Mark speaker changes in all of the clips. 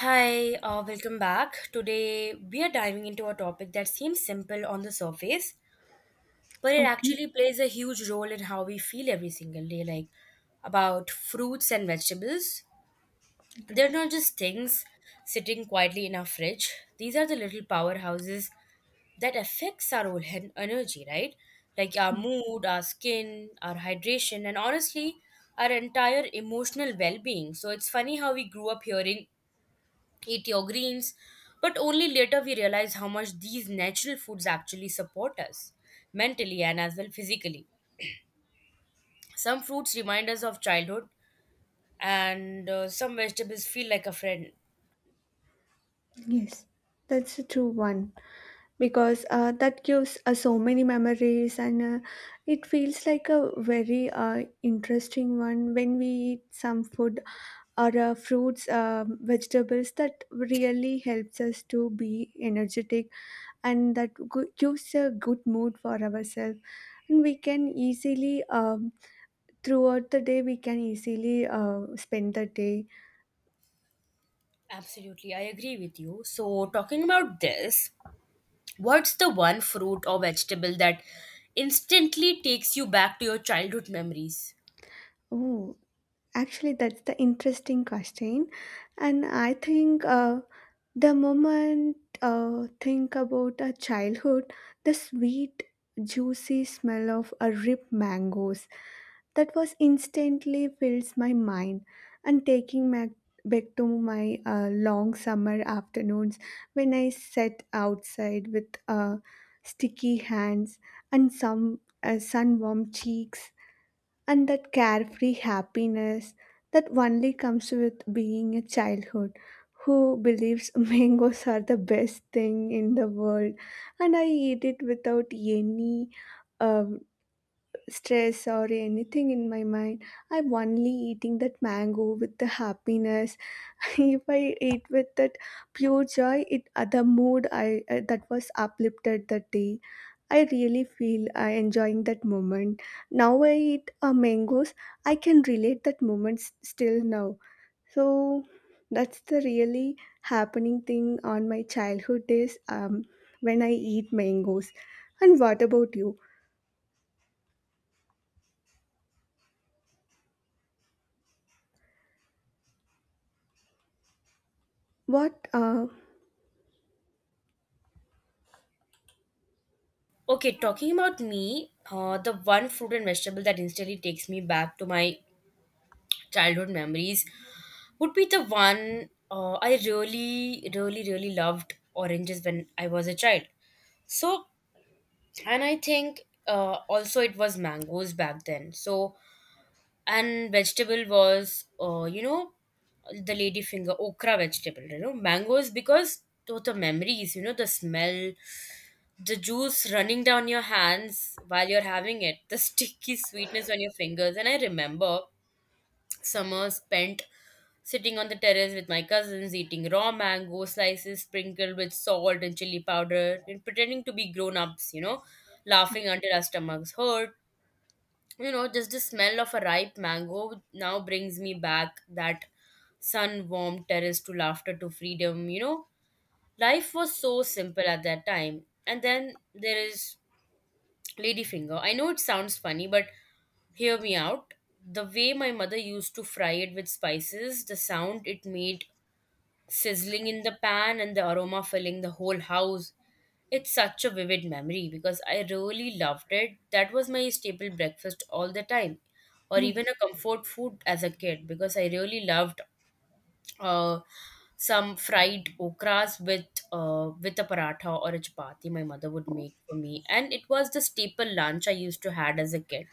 Speaker 1: Hi, welcome back. Today we are diving into a topic that seems simple on the surface, but it
Speaker 2: Okay.
Speaker 1: actually plays a huge role in how we feel every single day, like about fruits and vegetables. They're not just things sitting quietly in our fridge, these are the little powerhouses that affects our whole energy, right? Like our
Speaker 2: Yes.
Speaker 1: mood, our skin, our hydration, and honestly, our entire emotional well being. So it's funny how we grew up hearing eat your greens. But only later we realize how much these natural foods actually support us mentally and as well physically. Some fruits remind us of childhood, and some vegetables feel like a friend.
Speaker 2: Yes. That's a true one because that gives so many memories and it feels like a very interesting one when we eat some food or fruits, vegetables that really helps us to be energetic and that gives a good mood for ourselves. And we can easily, throughout the day, we can easily spend the day.
Speaker 1: Absolutely, I agree with you. So, talking about this, what's the one fruit or vegetable that instantly takes you back to your childhood memories?
Speaker 2: Oh, actually, that's the interesting question, and I think the moment think about a childhood, the sweet, juicy smell of a ripe mangoes that was instantly fills my mind, and taking back to my long summer afternoons when I sat outside with sticky hands and some sun warm cheeks and that carefree happiness that only comes with being a childhood who believes mangoes are the best thing in the world, and I eat it without any um stress or anything in my mind. I'm only eating that mango with the happiness. If I ate with that pure joy, it the mood I that was uplifted that day. I really feel I enjoying that moment. Now I eat mangoes. I can relate that moment still now. So that's the really happening thing on my childhood days. When I eat mangoes. And what about you? What?
Speaker 1: Okay, talking about me, the one fruit and vegetable that instantly takes me back to my childhood memories would be the one I really, really, really loved oranges when I was a child. So, and I think also it was mangoes back then. So, and vegetable was, you know, the ladyfinger, okra vegetable, you know, mangoes because those the memories, you know, the smell, the juice running down your hands while you're having it, the sticky sweetness on your fingers. And I remember summer spent sitting on the terrace with my cousins, eating raw mango slices sprinkled with salt and chili powder, and pretending to be grown ups, you know, laughing until our stomachs hurt. You know, just the smell of a ripe mango now brings me back that sun warmed terrace to laughter to freedom. You know, life was so simple at that time. And then there is ladyfinger. I know it sounds funny, but hear me out. The way my mother used to fry it with spices, the sound it made sizzling in the pan and the aroma filling the whole house. It's such a vivid memory because I really loved it. That was my staple breakfast all the time, or
Speaker 2: Oh.
Speaker 1: even a comfort food as a kid because I really loved uh, some fried okras with with a paratha or a chapati my mother would make for me, and it was the staple lunch I used to had as a kid.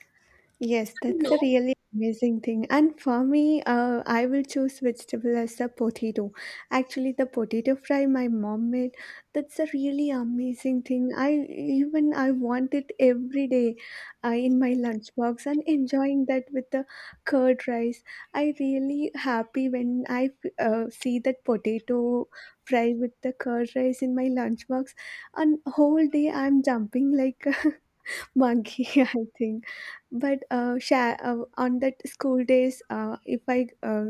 Speaker 2: Yes,
Speaker 1: So, you
Speaker 2: that's the
Speaker 1: know,
Speaker 2: really amazing thing. And for me, I will choose vegetable as the potato. Actually, the potato fry my mom made, that's a really amazing thing. I want it every day in my lunchbox and enjoying that with the curd rice. I really happy when I see that potato fry with the curd rice in my lunchbox. And whole day I'm jumping like monkey, I think. But on that school days if I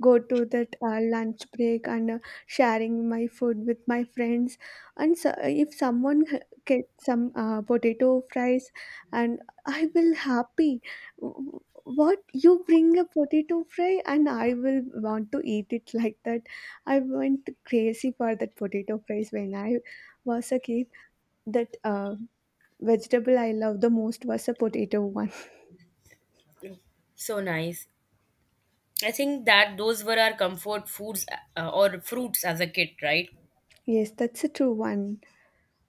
Speaker 2: go to that lunch break and sharing my food with my friends, and so if someone get some potato fries, and I will happy. W- what, you bring a potato fry? And I will want to eat it like that. I went crazy for that potato fries when I was a kid. That vegetable I love the most was a potato one.
Speaker 1: so nice. I think that those were our comfort foods or fruits as a kid, right?
Speaker 2: Yes, that's a true one.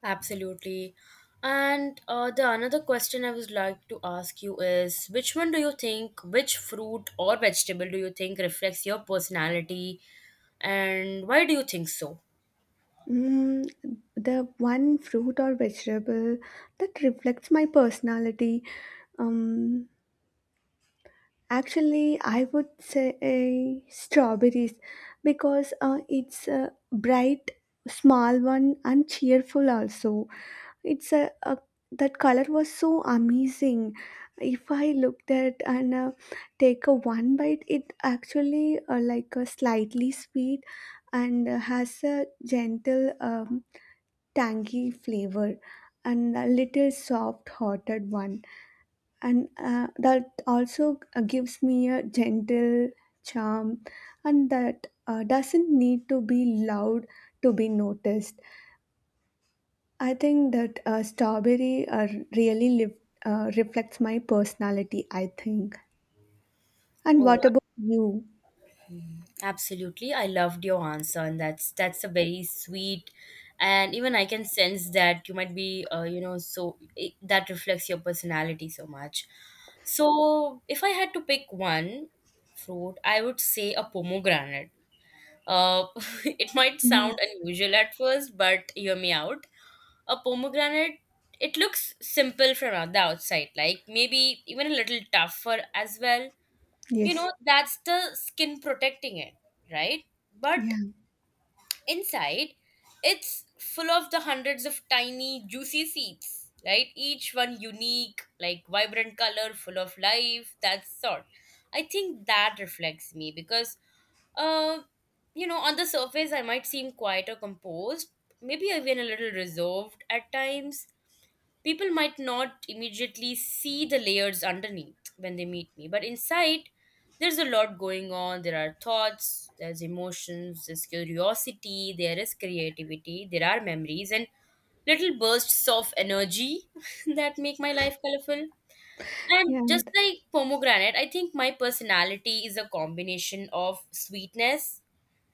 Speaker 1: Absolutely. And the another question I would like to ask you is which one do you think, which fruit or vegetable do you think reflects your personality, and why do you think so?
Speaker 2: Mm, the one fruit or vegetable that reflects my personality. Um, Actually, I would say strawberries because it's a bright, small one and cheerful also. It's a that color was so amazing. If I looked at and take a one bite, it actually like a slightly sweet and has a gentle tangy flavor and a little soft hearted one, and that also gives me a gentle charm, and that doesn't need to be loud to be noticed. I think that strawberry really liv reflects my personality, I think. And
Speaker 1: Oh,
Speaker 2: what about you?
Speaker 1: absolutely. I loved your answer, and that's a very sweet, and even I can sense that you might be you know so it, that reflects your personality so much. So if I had to pick one fruit, I would say a pomegranate. Uh, it might
Speaker 2: Yeah.
Speaker 1: sound unusual at first, but hear me out. A pomegranate, it looks simple from the outside, like maybe even a little tougher as well, you
Speaker 2: Yes.
Speaker 1: know, that's the skin protecting it, right? But
Speaker 2: Yeah.
Speaker 1: inside, it's full of the hundreds of tiny juicy seeds, right? Each one unique, like vibrant color, full of life, that sort. I think that reflects me because uh you know, on the surface I might seem quite or composed, maybe even a little reserved at times. People might not immediately see the layers underneath when they meet me, but inside, there's a lot going on. There are thoughts, there's emotions, there's curiosity, there is creativity, there are memories, and little bursts of energy that make my life colorful. And
Speaker 2: Yeah.
Speaker 1: just
Speaker 2: And—
Speaker 1: like pomegranate, I think my personality is a combination of sweetness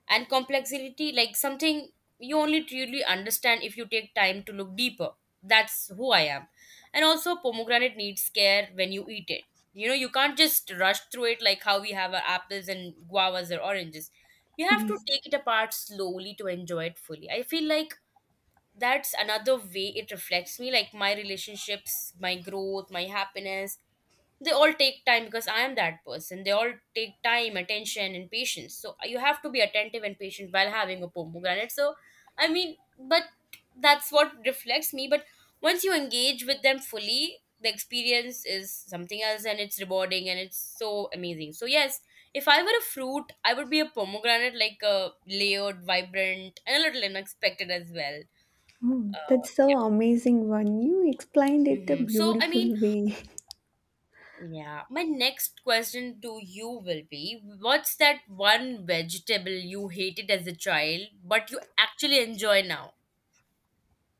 Speaker 1: and complexity, like something you only truly understand if you take time to look deeper. That's who I am. And also pomegranate needs care when you eat it, you know, you can't just rush through it like how we have our apples and guavas or oranges. You have to
Speaker 2: Yes.
Speaker 1: take it apart slowly to enjoy it fully. I feel like that's another way it reflects me, like my relationships, my growth, my happiness, they all take time because I am that person. They all take time, attention and patience, so you have to be attentive and patient while having a pomegranate. So, I mean, but that's what reflects me. But once you engage with them fully, the experience is something else, and it's rewarding, and it's so amazing. So yes, if I were a fruit, I would be a pomegranate, like a layered, vibrant and a little unexpected as well.
Speaker 2: Oh,
Speaker 1: uh
Speaker 2: that's so amazing one. You explained it a
Speaker 1: hmm. So, I
Speaker 2: beautiful
Speaker 1: mean,
Speaker 2: way.
Speaker 1: yeah, my next question to you will be, what's that one vegetable you hated as a child but you actually enjoy now?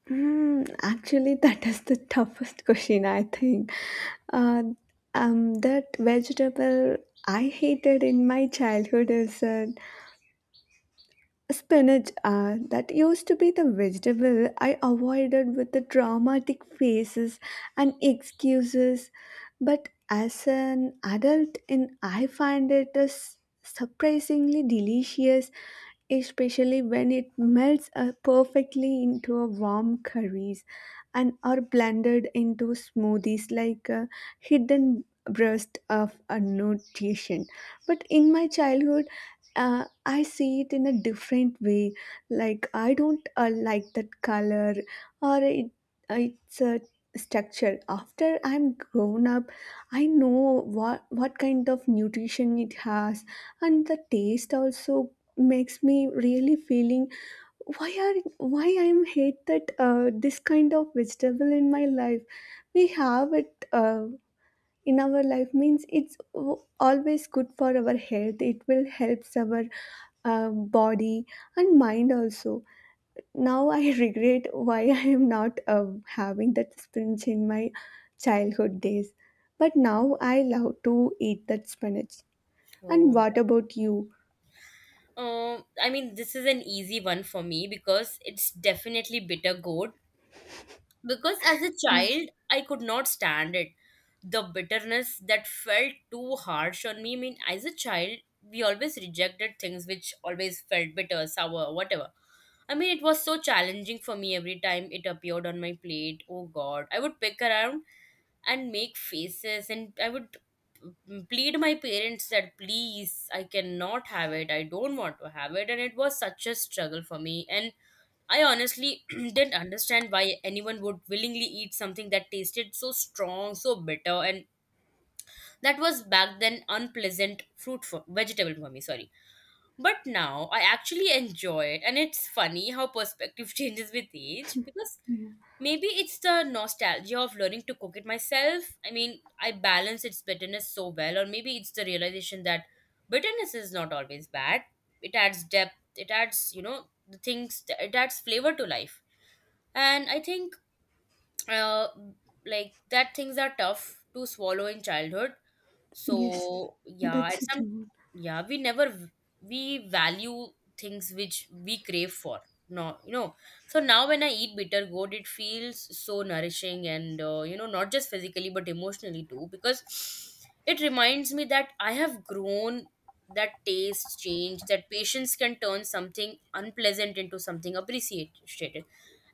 Speaker 2: Mm, actually, that is the toughest question, I think. Uh, that vegetable I hated in my childhood is spinach. Ah, that used to be the vegetable I avoided with the dramatic faces and excuses. But as an adult, in I find it is surprisingly delicious, especially when it melts perfectly into a warm curries and are blended into smoothies like a hidden breast of a nutrition. But in my childhood, I see it in a different way. Like I don't like that color or it, its a structure. After I'm grown up, I know what kind of nutrition it has, and the taste also makes me really feeling why I'm hate that this kind of vegetable in my life. We have it. In our life means it's always good for our health. It will helps our body and mind also. Now I regret why I am not having that spinach in my childhood days, but now I love to eat that spinach. And
Speaker 1: Oh,
Speaker 2: what about you?
Speaker 1: I mean, this is an easy one for me because it's definitely bitter gourd. Because as a
Speaker 2: Yeah,
Speaker 1: child I could not stand it, the bitterness that felt too harsh on me. I mean, as a child we always rejected things which always felt bitter, sour, whatever. I mean, it was so challenging for me every time it appeared on my plate. Oh god, I would pick around and make faces, and I would plead my parents that please, I cannot have it, I don't want to have it, and it was such a struggle for me. And I honestly didn't understand why anyone would willingly eat something that tasted so strong, so bitter, and that was back then unpleasant fruit for vegetable for me, sorry. But now I actually enjoy it, and it's funny how perspective changes with age because
Speaker 2: yeah.
Speaker 1: maybe it's the nostalgia of learning to cook it myself. I mean, I balance its bitterness so well, or maybe it's the realization that bitterness is not always bad. It adds depth, it adds, you know, the things, it adds flavor to life. And I think uh, like that things are tough to swallow in childhood.
Speaker 2: Yes,
Speaker 1: So yeah,
Speaker 2: that's
Speaker 1: it's
Speaker 2: it,
Speaker 1: some,
Speaker 2: Umar.
Speaker 1: yeah, we never we value things which we crave for, no, you know. So now when I eat bitter gourd, it feels so nourishing, and you know, not just physically but emotionally too, because it reminds me that I have grown, that taste change, that patience can turn something unpleasant into something appreciated.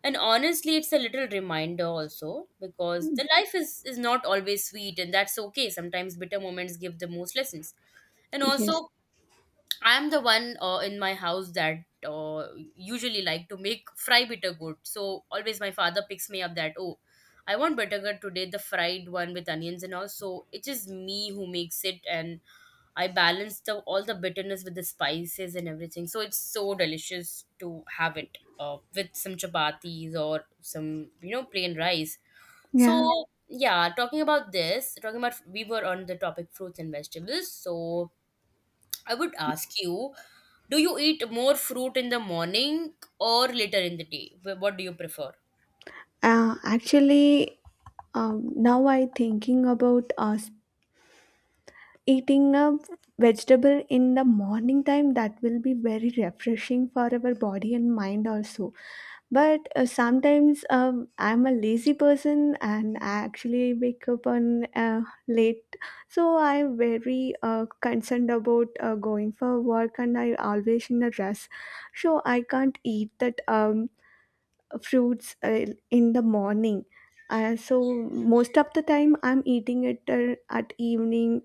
Speaker 1: And honestly, it's a little reminder also because
Speaker 2: Mm,
Speaker 1: the life is not always sweet, and that's okay. Sometimes bitter moments give the most lessons. And
Speaker 2: yes,
Speaker 1: also, I'm the one in my house that usually like to make fry bitter gourd. So always my father picks me up that oh, I want bitter gourd today, the fried one with onions and all. So it is me who makes it, and I balance the all the bitterness with the spices and everything. So it's so delicious to have it with some chapatis or some, you know, plain rice.
Speaker 2: yeah,
Speaker 1: So yeah, talking about this, talking about we were on the topic fruits and vegetables. So I would ask you, do you eat more fruit in the morning or later in the day? What do you prefer?
Speaker 2: actually now I thinking about us eating a vegetable in the morning time that will be very refreshing for our body and mind also. But sometimes I'm a lazy person, and I actually wake up on late. So I'm very concerned about going for work, and I always in a rush. So I can't eat that fruits in the morning. So most of the time I'm eating it at evening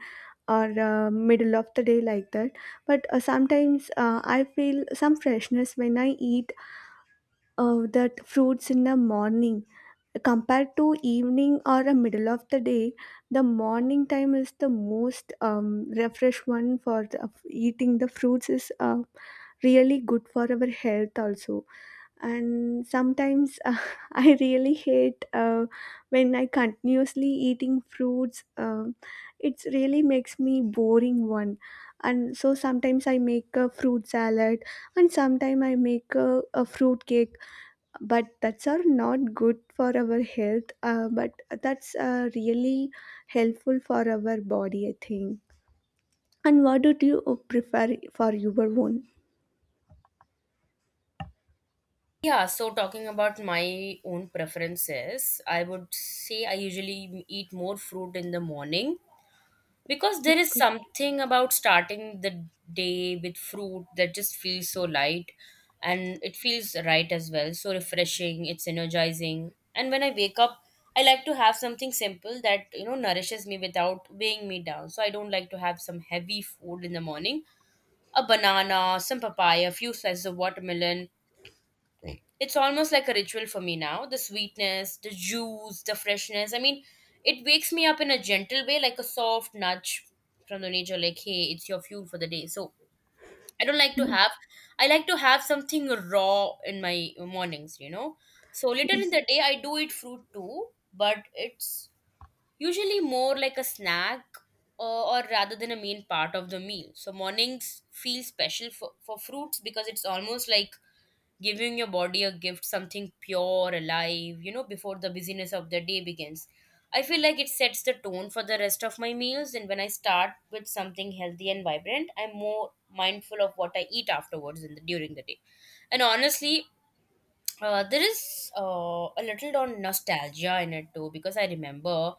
Speaker 2: or middle of the day like that. But sometimes I feel some freshness when I eat that fruits in the morning compared to evening or the middle of the day. The morning time is the most refresh one for the, of eating the fruits is really good for our health also. And sometimes I really hate when I continuously eating fruits. It really makes me boring one, and so sometimes I make a fruit salad, and sometimes I make a fruit cake. But that's are not good for our health, but that's really helpful for our body, I think. And what do you prefer for your own?
Speaker 1: Yeah, so talking about my own preferences, I would say I usually eat more fruit in the morning. Because there
Speaker 2: That's
Speaker 1: is
Speaker 2: good.
Speaker 1: something about starting the day with fruit that just feels so light, and it feels right as well. So refreshing, it's energizing. And when I wake up, I like to have something simple that, you know, nourishes me without weighing me down. So I don't like to have some heavy food in the morning. A banana, some papaya, a few slices of watermelon, it's almost like a ritual for me now. The sweetness, the juice, the freshness. I mean, it wakes me up in a gentle way, like a soft nudge from the nature, like, hey, it's your fuel for the day. So I don't like to
Speaker 2: Yeah.
Speaker 1: have, I like to have something raw in my mornings, you know. So later in
Speaker 2: Yes.
Speaker 1: the day, I do eat fruit too, but it's usually more like a snack, uh, or rather than a main part of the meal. So mornings feel special for fruits because it's almost like giving your body a gift, something pure, alive, you know, before the busyness of the day begins. I feel like it sets the tone for the rest of my meals, and when I start with something healthy and vibrant, I'm more mindful of what I eat afterwards in the, during the day. And honestly, there is a little on nostalgia in it too because I remember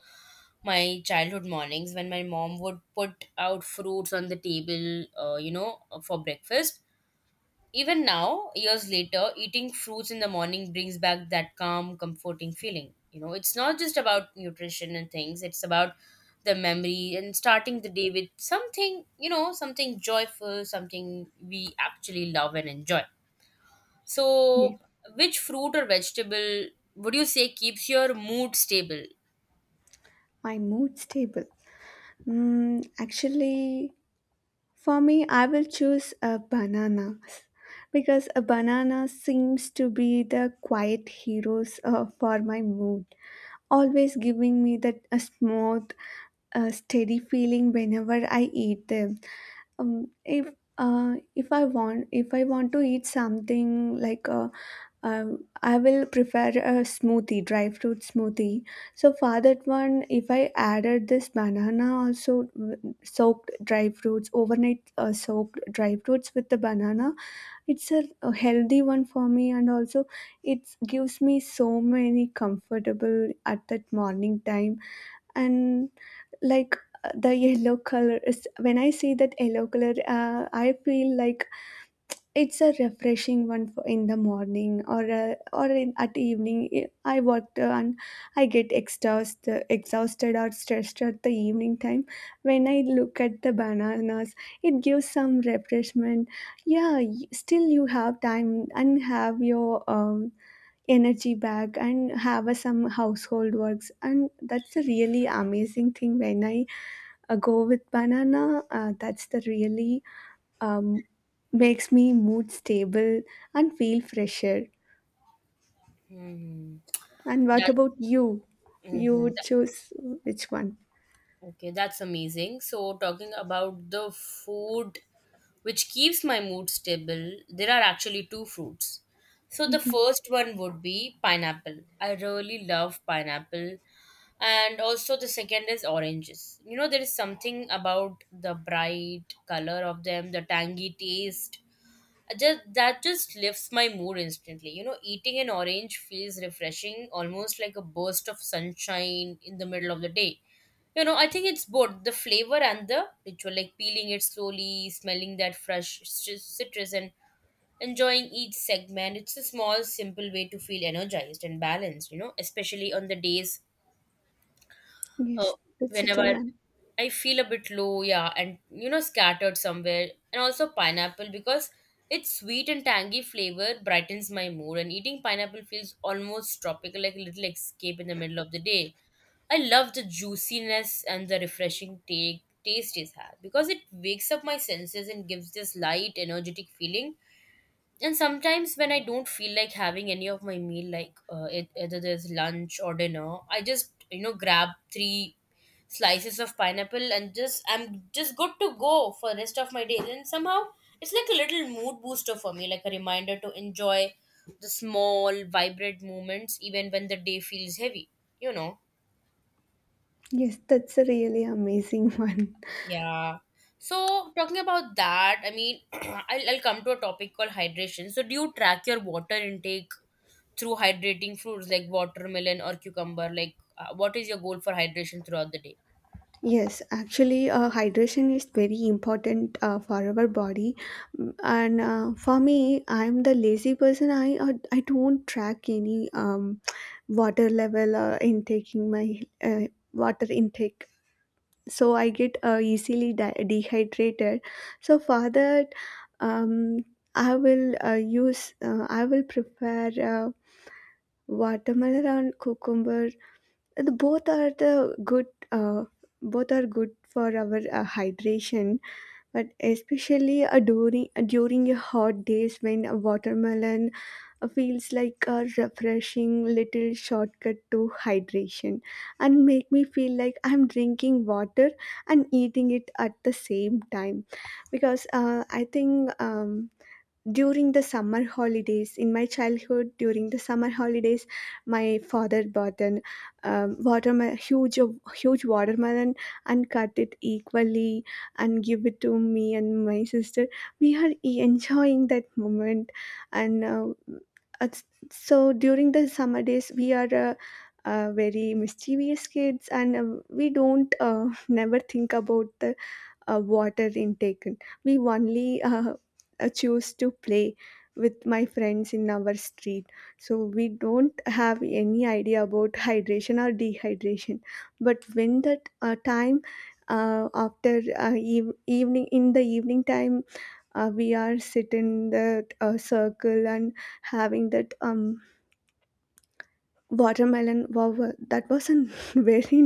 Speaker 1: my childhood mornings when my mom would put out fruits on the table, for breakfast. Even now, years later, eating fruits in the morning brings back that calm, comforting feeling. You know, it's not just about nutrition and things, it's about the memory and starting the day with something, something joyful, something we actually love and enjoy.
Speaker 2: Yeah.
Speaker 1: so, which fruit or vegetable would you say keeps your mood stable?
Speaker 2: My mood stable. Mm, actually, for me, I will choose a banana because a banana seems to be the quiet heroes for my mood, always giving me that a smooth, steady feeling whenever I eat them. Um, if if I want to eat something like a I will prefer a smoothie, dry fruit smoothie. So for that one, if I added this banana also soaked dry fruits, overnight soaked dry fruits with the banana, it's a healthy one for me, and also it gives me so many comfortable at that morning time. And like the yellow color is when I see that yellow color, I feel like it's a refreshing one for in the morning or in, at evening. I worked and I get exhausted or stressed at the evening time. When I look at the bananas, it gives some refreshment. Yeah, still you have time and have your energy back and have some household works, and that's a really amazing thing when I go with banana. That's the really um, makes me mood stable and feel fresher.
Speaker 1: Hmm.
Speaker 2: And what
Speaker 1: That's
Speaker 2: about you? You
Speaker 1: mhm,
Speaker 2: would choose which one?
Speaker 1: okay. That's amazing. So, talking about the food which keeps my mood stable, there are actually two fruits. So, the
Speaker 2: Mhm.
Speaker 1: first one would be pineapple. I really love pineapple. And also, the second is oranges. You know, there is something about the bright color of them, the tangy taste, I just that just lifts my mood instantly. You know, eating an orange feels refreshing, almost like a burst of sunshine in the middle of the day. You know, I think it's both the flavor and the ritual, like peeling it slowly, smelling that fresh citrus, and enjoying each segment. It's a small, simple way to feel energized and balanced, you know, especially on the days uh,
Speaker 2: Yes, that's a true
Speaker 1: whenever
Speaker 2: one.
Speaker 1: I feel a bit low, yeah, and you know, scattered somewhere. And also pineapple because its sweet and tangy flavor brightens my mood, and eating pineapple feels almost tropical, like a little escape in the middle of the day. I love the juiciness and the refreshing taste it has because it wakes up my senses and gives this light, energetic feeling. And sometimes when I don't feel like having any of my meal, like either there's lunch or dinner, I just, you know, grab three slices of pineapple and just I'm just good to go for the rest of my day. And somehow it's like a little mood booster for me, like a reminder to enjoy the small vibrant moments even when the day feels heavy, you know.
Speaker 2: Yes, that's a really amazing one.
Speaker 1: Yeah. So talking about that, I mean, I'll come to a topic called hydration. So do you track your water intake through hydrating fruits like watermelon or cucumber? Like, what is your goal for hydration throughout the day?
Speaker 2: Yes, actually, hydration is very important for our body. Mm. And for me, I'm the lazy person. I don't track any water level or in taking my uh, water intake. So I get easily dehydrated. So for that, um, I will use I will prepare watermelon and cucumber. Both are the good, uh, both are good for our hydration, but especially during a hot days when a watermelon feels like a refreshing little shortcut to hydration and make me feel like I'm drinking water and eating it at the same time. Because I think, during the summer holidays, in my childhood, during the summer holidays, my father bought an watermelon, huge, huge watermelon, and cut it equally and give it to me and my sister. We are enjoying that moment, and it's- so during the summer days, we are. Very mischievous kids, and we don't never think about the water intake. We only choose to play with my friends in our street. So we don't have any idea about hydration or dehydration. But when that evening in the evening time, we are sit in that circle and having that watermelon. Wow, that was a very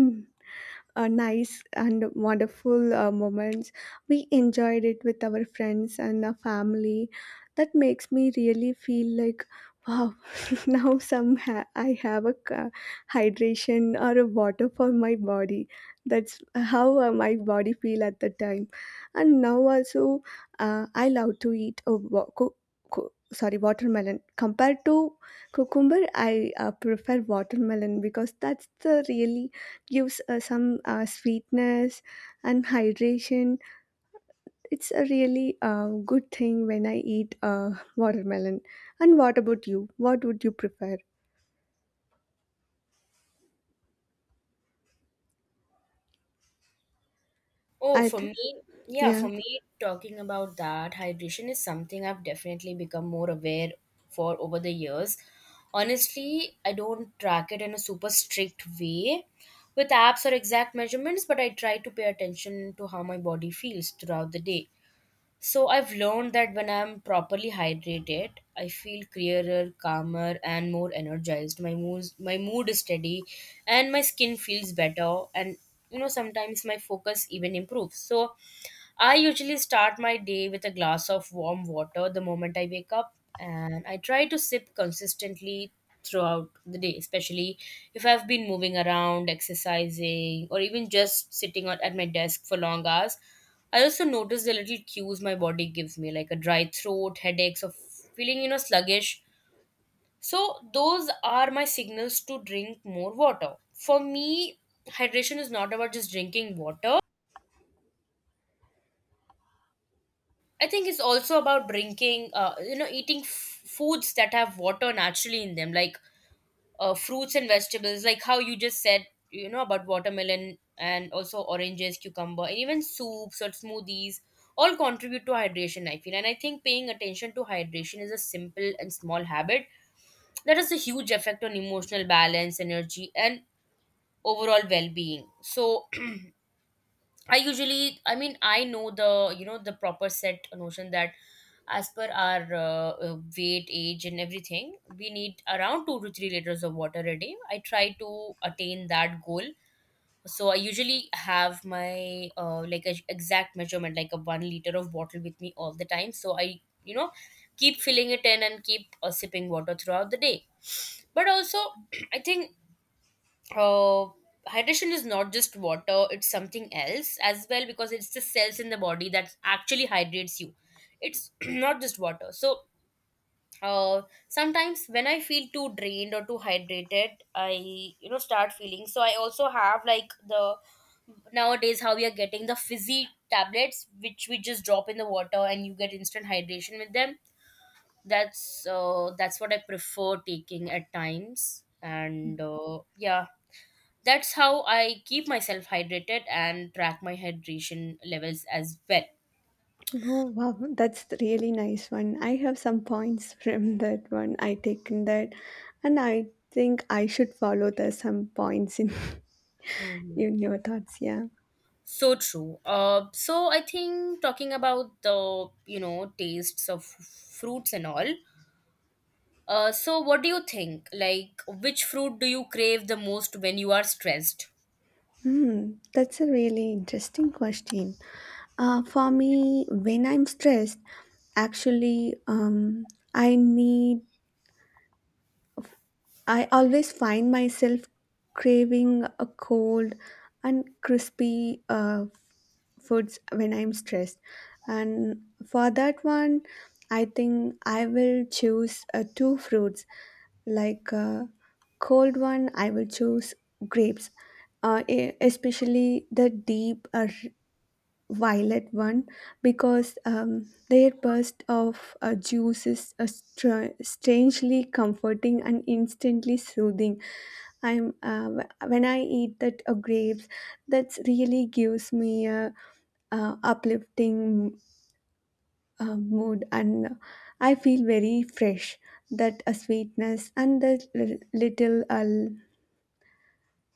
Speaker 2: nice and wonderful moments. We enjoyed it with our friends and our family. That makes me really feel like, wow, now some I have a hydration or a water for my body. That's how my body feel at the time. And now also, I love to eat a sorry watermelon. Compared to cucumber, I prefer watermelon because that's the really gives some sweetness and hydration. It's a really good thing when I eat watermelon. And what about you? What would you prefer?
Speaker 1: Oh,
Speaker 2: I
Speaker 1: for
Speaker 2: th-
Speaker 1: me, yeah,
Speaker 2: yeah.
Speaker 1: for me, talking about that, hydration is something I've definitely become more aware for over the years. Honestly, I don't track it in a super strict way with apps or exact measurements, but I try to pay attention to how my body feels throughout the day. So I've learned that when I'm properly hydrated, I feel clearer, calmer, and more energized. My mood is steady, and my skin feels better. And you know, sometimes my focus even improves. So I usually start my day with a glass of warm water the moment I wake up, and I try to sip consistently throughout the day, especially if I've been moving around, exercising, or even just at my desk for long hours. I also notice the little cues my body gives me, like a dry throat, headaches, or feeling, you know, sluggish. So, those are my signals to drink more water. For me, hydration is not about just drinking water. I think it's also about drinking, eating foods that have water naturally in them, like fruits and vegetables, like how you just said, you know, about watermelon and also oranges, cucumber, and even soups or smoothies all contribute to hydration, I feel. And I think paying attention to hydration is a simple and small habit that has a huge effect on emotional balance, energy, and overall well being. So, I usually, I mean, I know the, you know, the proper set notion that as per our weight, age, and everything, we need around 2 to 3 liters of water a day. I try to attain that goal. So I usually have my like a exact measurement, like a 1 liter of bottle with me all the time. So I, you know, keep filling it in and keep sipping water throughout the day. But also, I think uh, hydration is not just water, it's something else as well because it's the cells in the body that actually hydrates you, it's not just water. So uh, sometimes when I feel too drained or too hydrated, I, you know, start feeling, so I also have like the, nowadays how we are getting the fizzy tablets which we just drop in the water and you get instant hydration with them. That's what I prefer taking at times, and yeah, that's how I keep myself hydrated and track my hydration levels as well.
Speaker 2: Oh wow, that's the really nice one. I have some points from that one. I taken that, and I think I should follow the some points in
Speaker 1: Hmm.
Speaker 2: in your thoughts. Yeah.
Speaker 1: So true. So I think talking about the, you know, tastes of fruits and all. So what do you think? Like, which fruit do you crave the most when you are stressed?
Speaker 2: Hmm. That's a really interesting question. For me, when I'm stressed, actually, um, I need, I always find myself craving a cold and crispy foods when I'm stressed. And for that one, I think I will choose two fruits. Like uh, cold one, I will choose grapes. Especially the deep violet one because their burst of juice is strangely comforting and instantly soothing. When I eat that grapes, that really gives me a, uplifting mood, and I feel very fresh. That sweetness and the little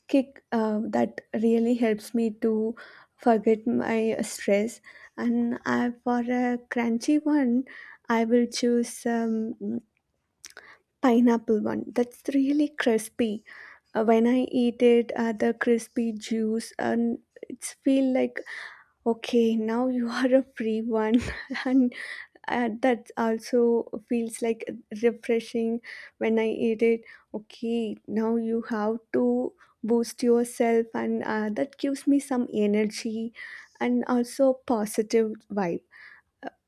Speaker 2: kick that really helps me to forget my stress. And for a crunchy one, I will choose pineapple one that's really crispy. When I eat it, the crispy juice and it's feel like, okay, now you are a free one. and and that also feels like refreshing when I eat it. Okay, now you have to boost yourself, and that gives me some energy and also positive vibe.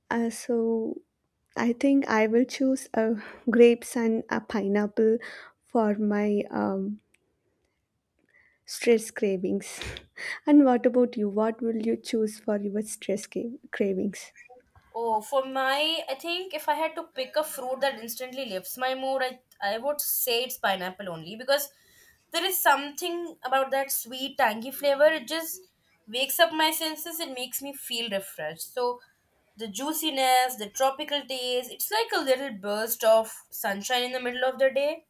Speaker 2: So I think I will choose grapes and a pineapple for my stress cravings. And what about you? What will you choose for your cravings?
Speaker 1: Oh, for my, I think if I had to pick a fruit that instantly lifts my mood, I would say it's pineapple only because there is something about that sweet, tangy flavor. It just wakes up my senses. It makes me feel refreshed. So the juiciness, the tropical taste, it's like a little burst of sunshine in the middle of the day.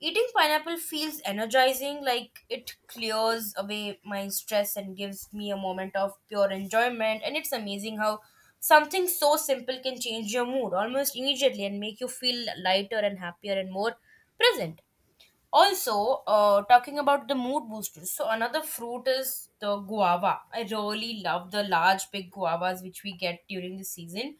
Speaker 1: Eating pineapple feels energizing, like it clears away my stress and gives me a moment of pure enjoyment. And it's amazing how something so simple can change your mood almost immediately and make you feel lighter and happier and more present. Also, talking about the mood boosters, so another fruit is the guava. I really love the large, big guavas which we get during the season.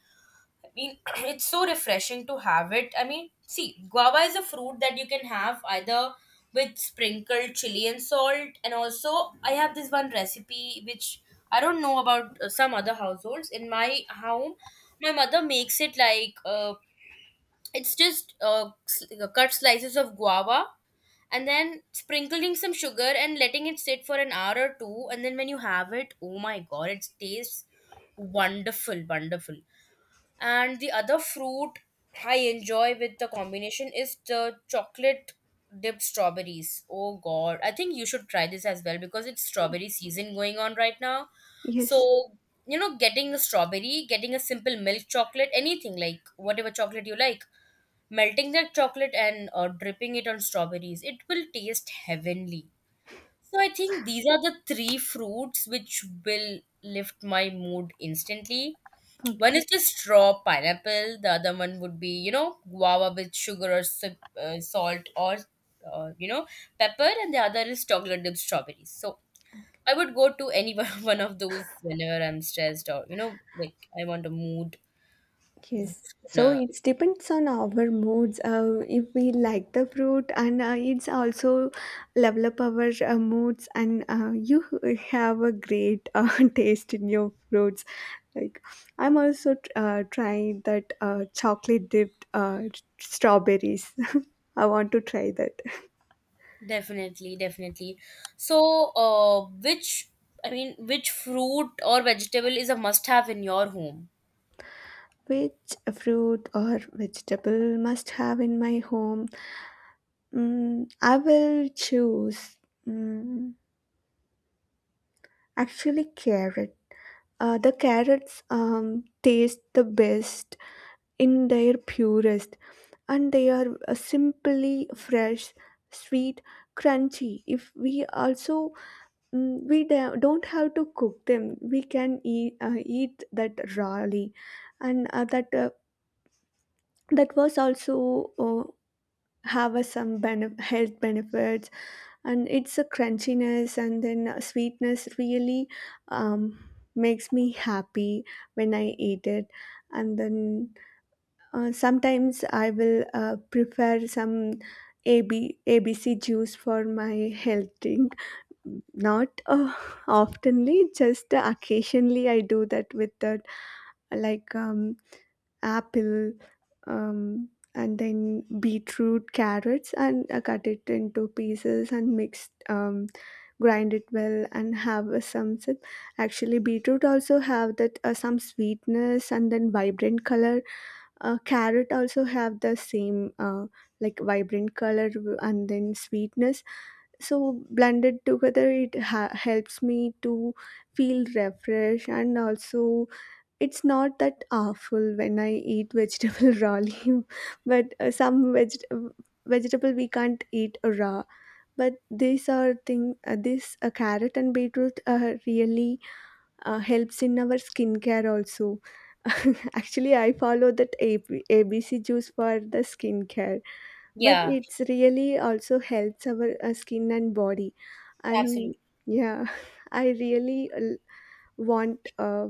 Speaker 1: I mean, it's so refreshing to have it. I mean, see, guava is a fruit that you can have either with sprinkled chili and salt, and also I have this one recipe which I don't know about some other households. In my home, my mother makes it like it's just uh, s- cut slices of guava and then sprinkling some sugar and letting it sit for an hour or two, and then when you have it, oh my god, it tastes wonderful, wonderful. And the other fruit I enjoy with the combination is the chocolate dipped strawberries. Oh God, I think you should try this as well because it's strawberry season going on right now.
Speaker 2: Yes.
Speaker 1: So, you know, getting a strawberry, getting a simple milk chocolate, anything like whatever chocolate you like, melting that chocolate and dripping it on strawberries, it will taste heavenly. So, I think these are the three fruits which will lift my mood instantly. One
Speaker 2: Okay.
Speaker 1: is the straw pineapple, the other one would be, you know, guava with sugar or salt or, you know, pepper, and the other is chocolate dipped strawberries. So I would go to any one of those whenever I'm stressed or, you know, like I want a mood.
Speaker 2: Yes, so
Speaker 1: Uh,
Speaker 2: it depends on our moods. If we like the fruit, and it's also develop our moods, and you have a great taste in your fruits. Like I'm also trying that chocolate dipped strawberries. I want to try that.
Speaker 1: definitely, definitely. So, which, I mean, which fruit or vegetable is a must have in your home?
Speaker 2: Which fruit or vegetable must have in my home? Mm, I will choose. Mm, actually, carrot. The carrots taste the best in their purest, and they are simply fresh, sweet, crunchy. If we also mm, we don't have to cook them, we can eat that rawly, and that was also uh, have us some health benefits, and it's a crunchiness and then a sweetness really um, makes me happy when I eat it. And then sometimes I will prepare some abc juice for my health drink, not oftenly, just occasionally I do that. With that, like, apple, um, and then beetroot, carrots, and cut it into pieces and mix, grind it well and have some sip. Actually, beetroot also have that some sweetness and then vibrant color. Carrot also have the same like vibrant color and then sweetness, so blended together it helps me to feel refreshed. And also it's not that awful when I eat vegetable rawly, but vegetable we can't eat raw. But these are thing, this carrot and beetroot really helps in our skincare also. Actually, I follow that ABC juice for the skincare, but
Speaker 1: Yeah,
Speaker 2: it's really also helps our skin and body. And
Speaker 1: absolutely.
Speaker 2: yeah, I really want.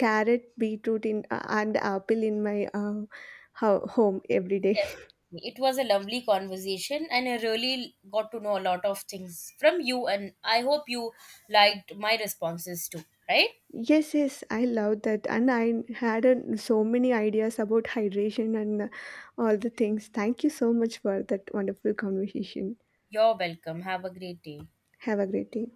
Speaker 2: Carrot, beetroot in and apple in my home every day.
Speaker 1: Definitely. It was a lovely conversation, and I really got to know a lot of things from you. And I hope you liked my responses too, right?
Speaker 2: Yes, yes, I love that, and I had so many ideas about hydration and all the things. Thank you so much for that wonderful conversation.
Speaker 1: You're welcome. Have a great day.
Speaker 2: Have a great day.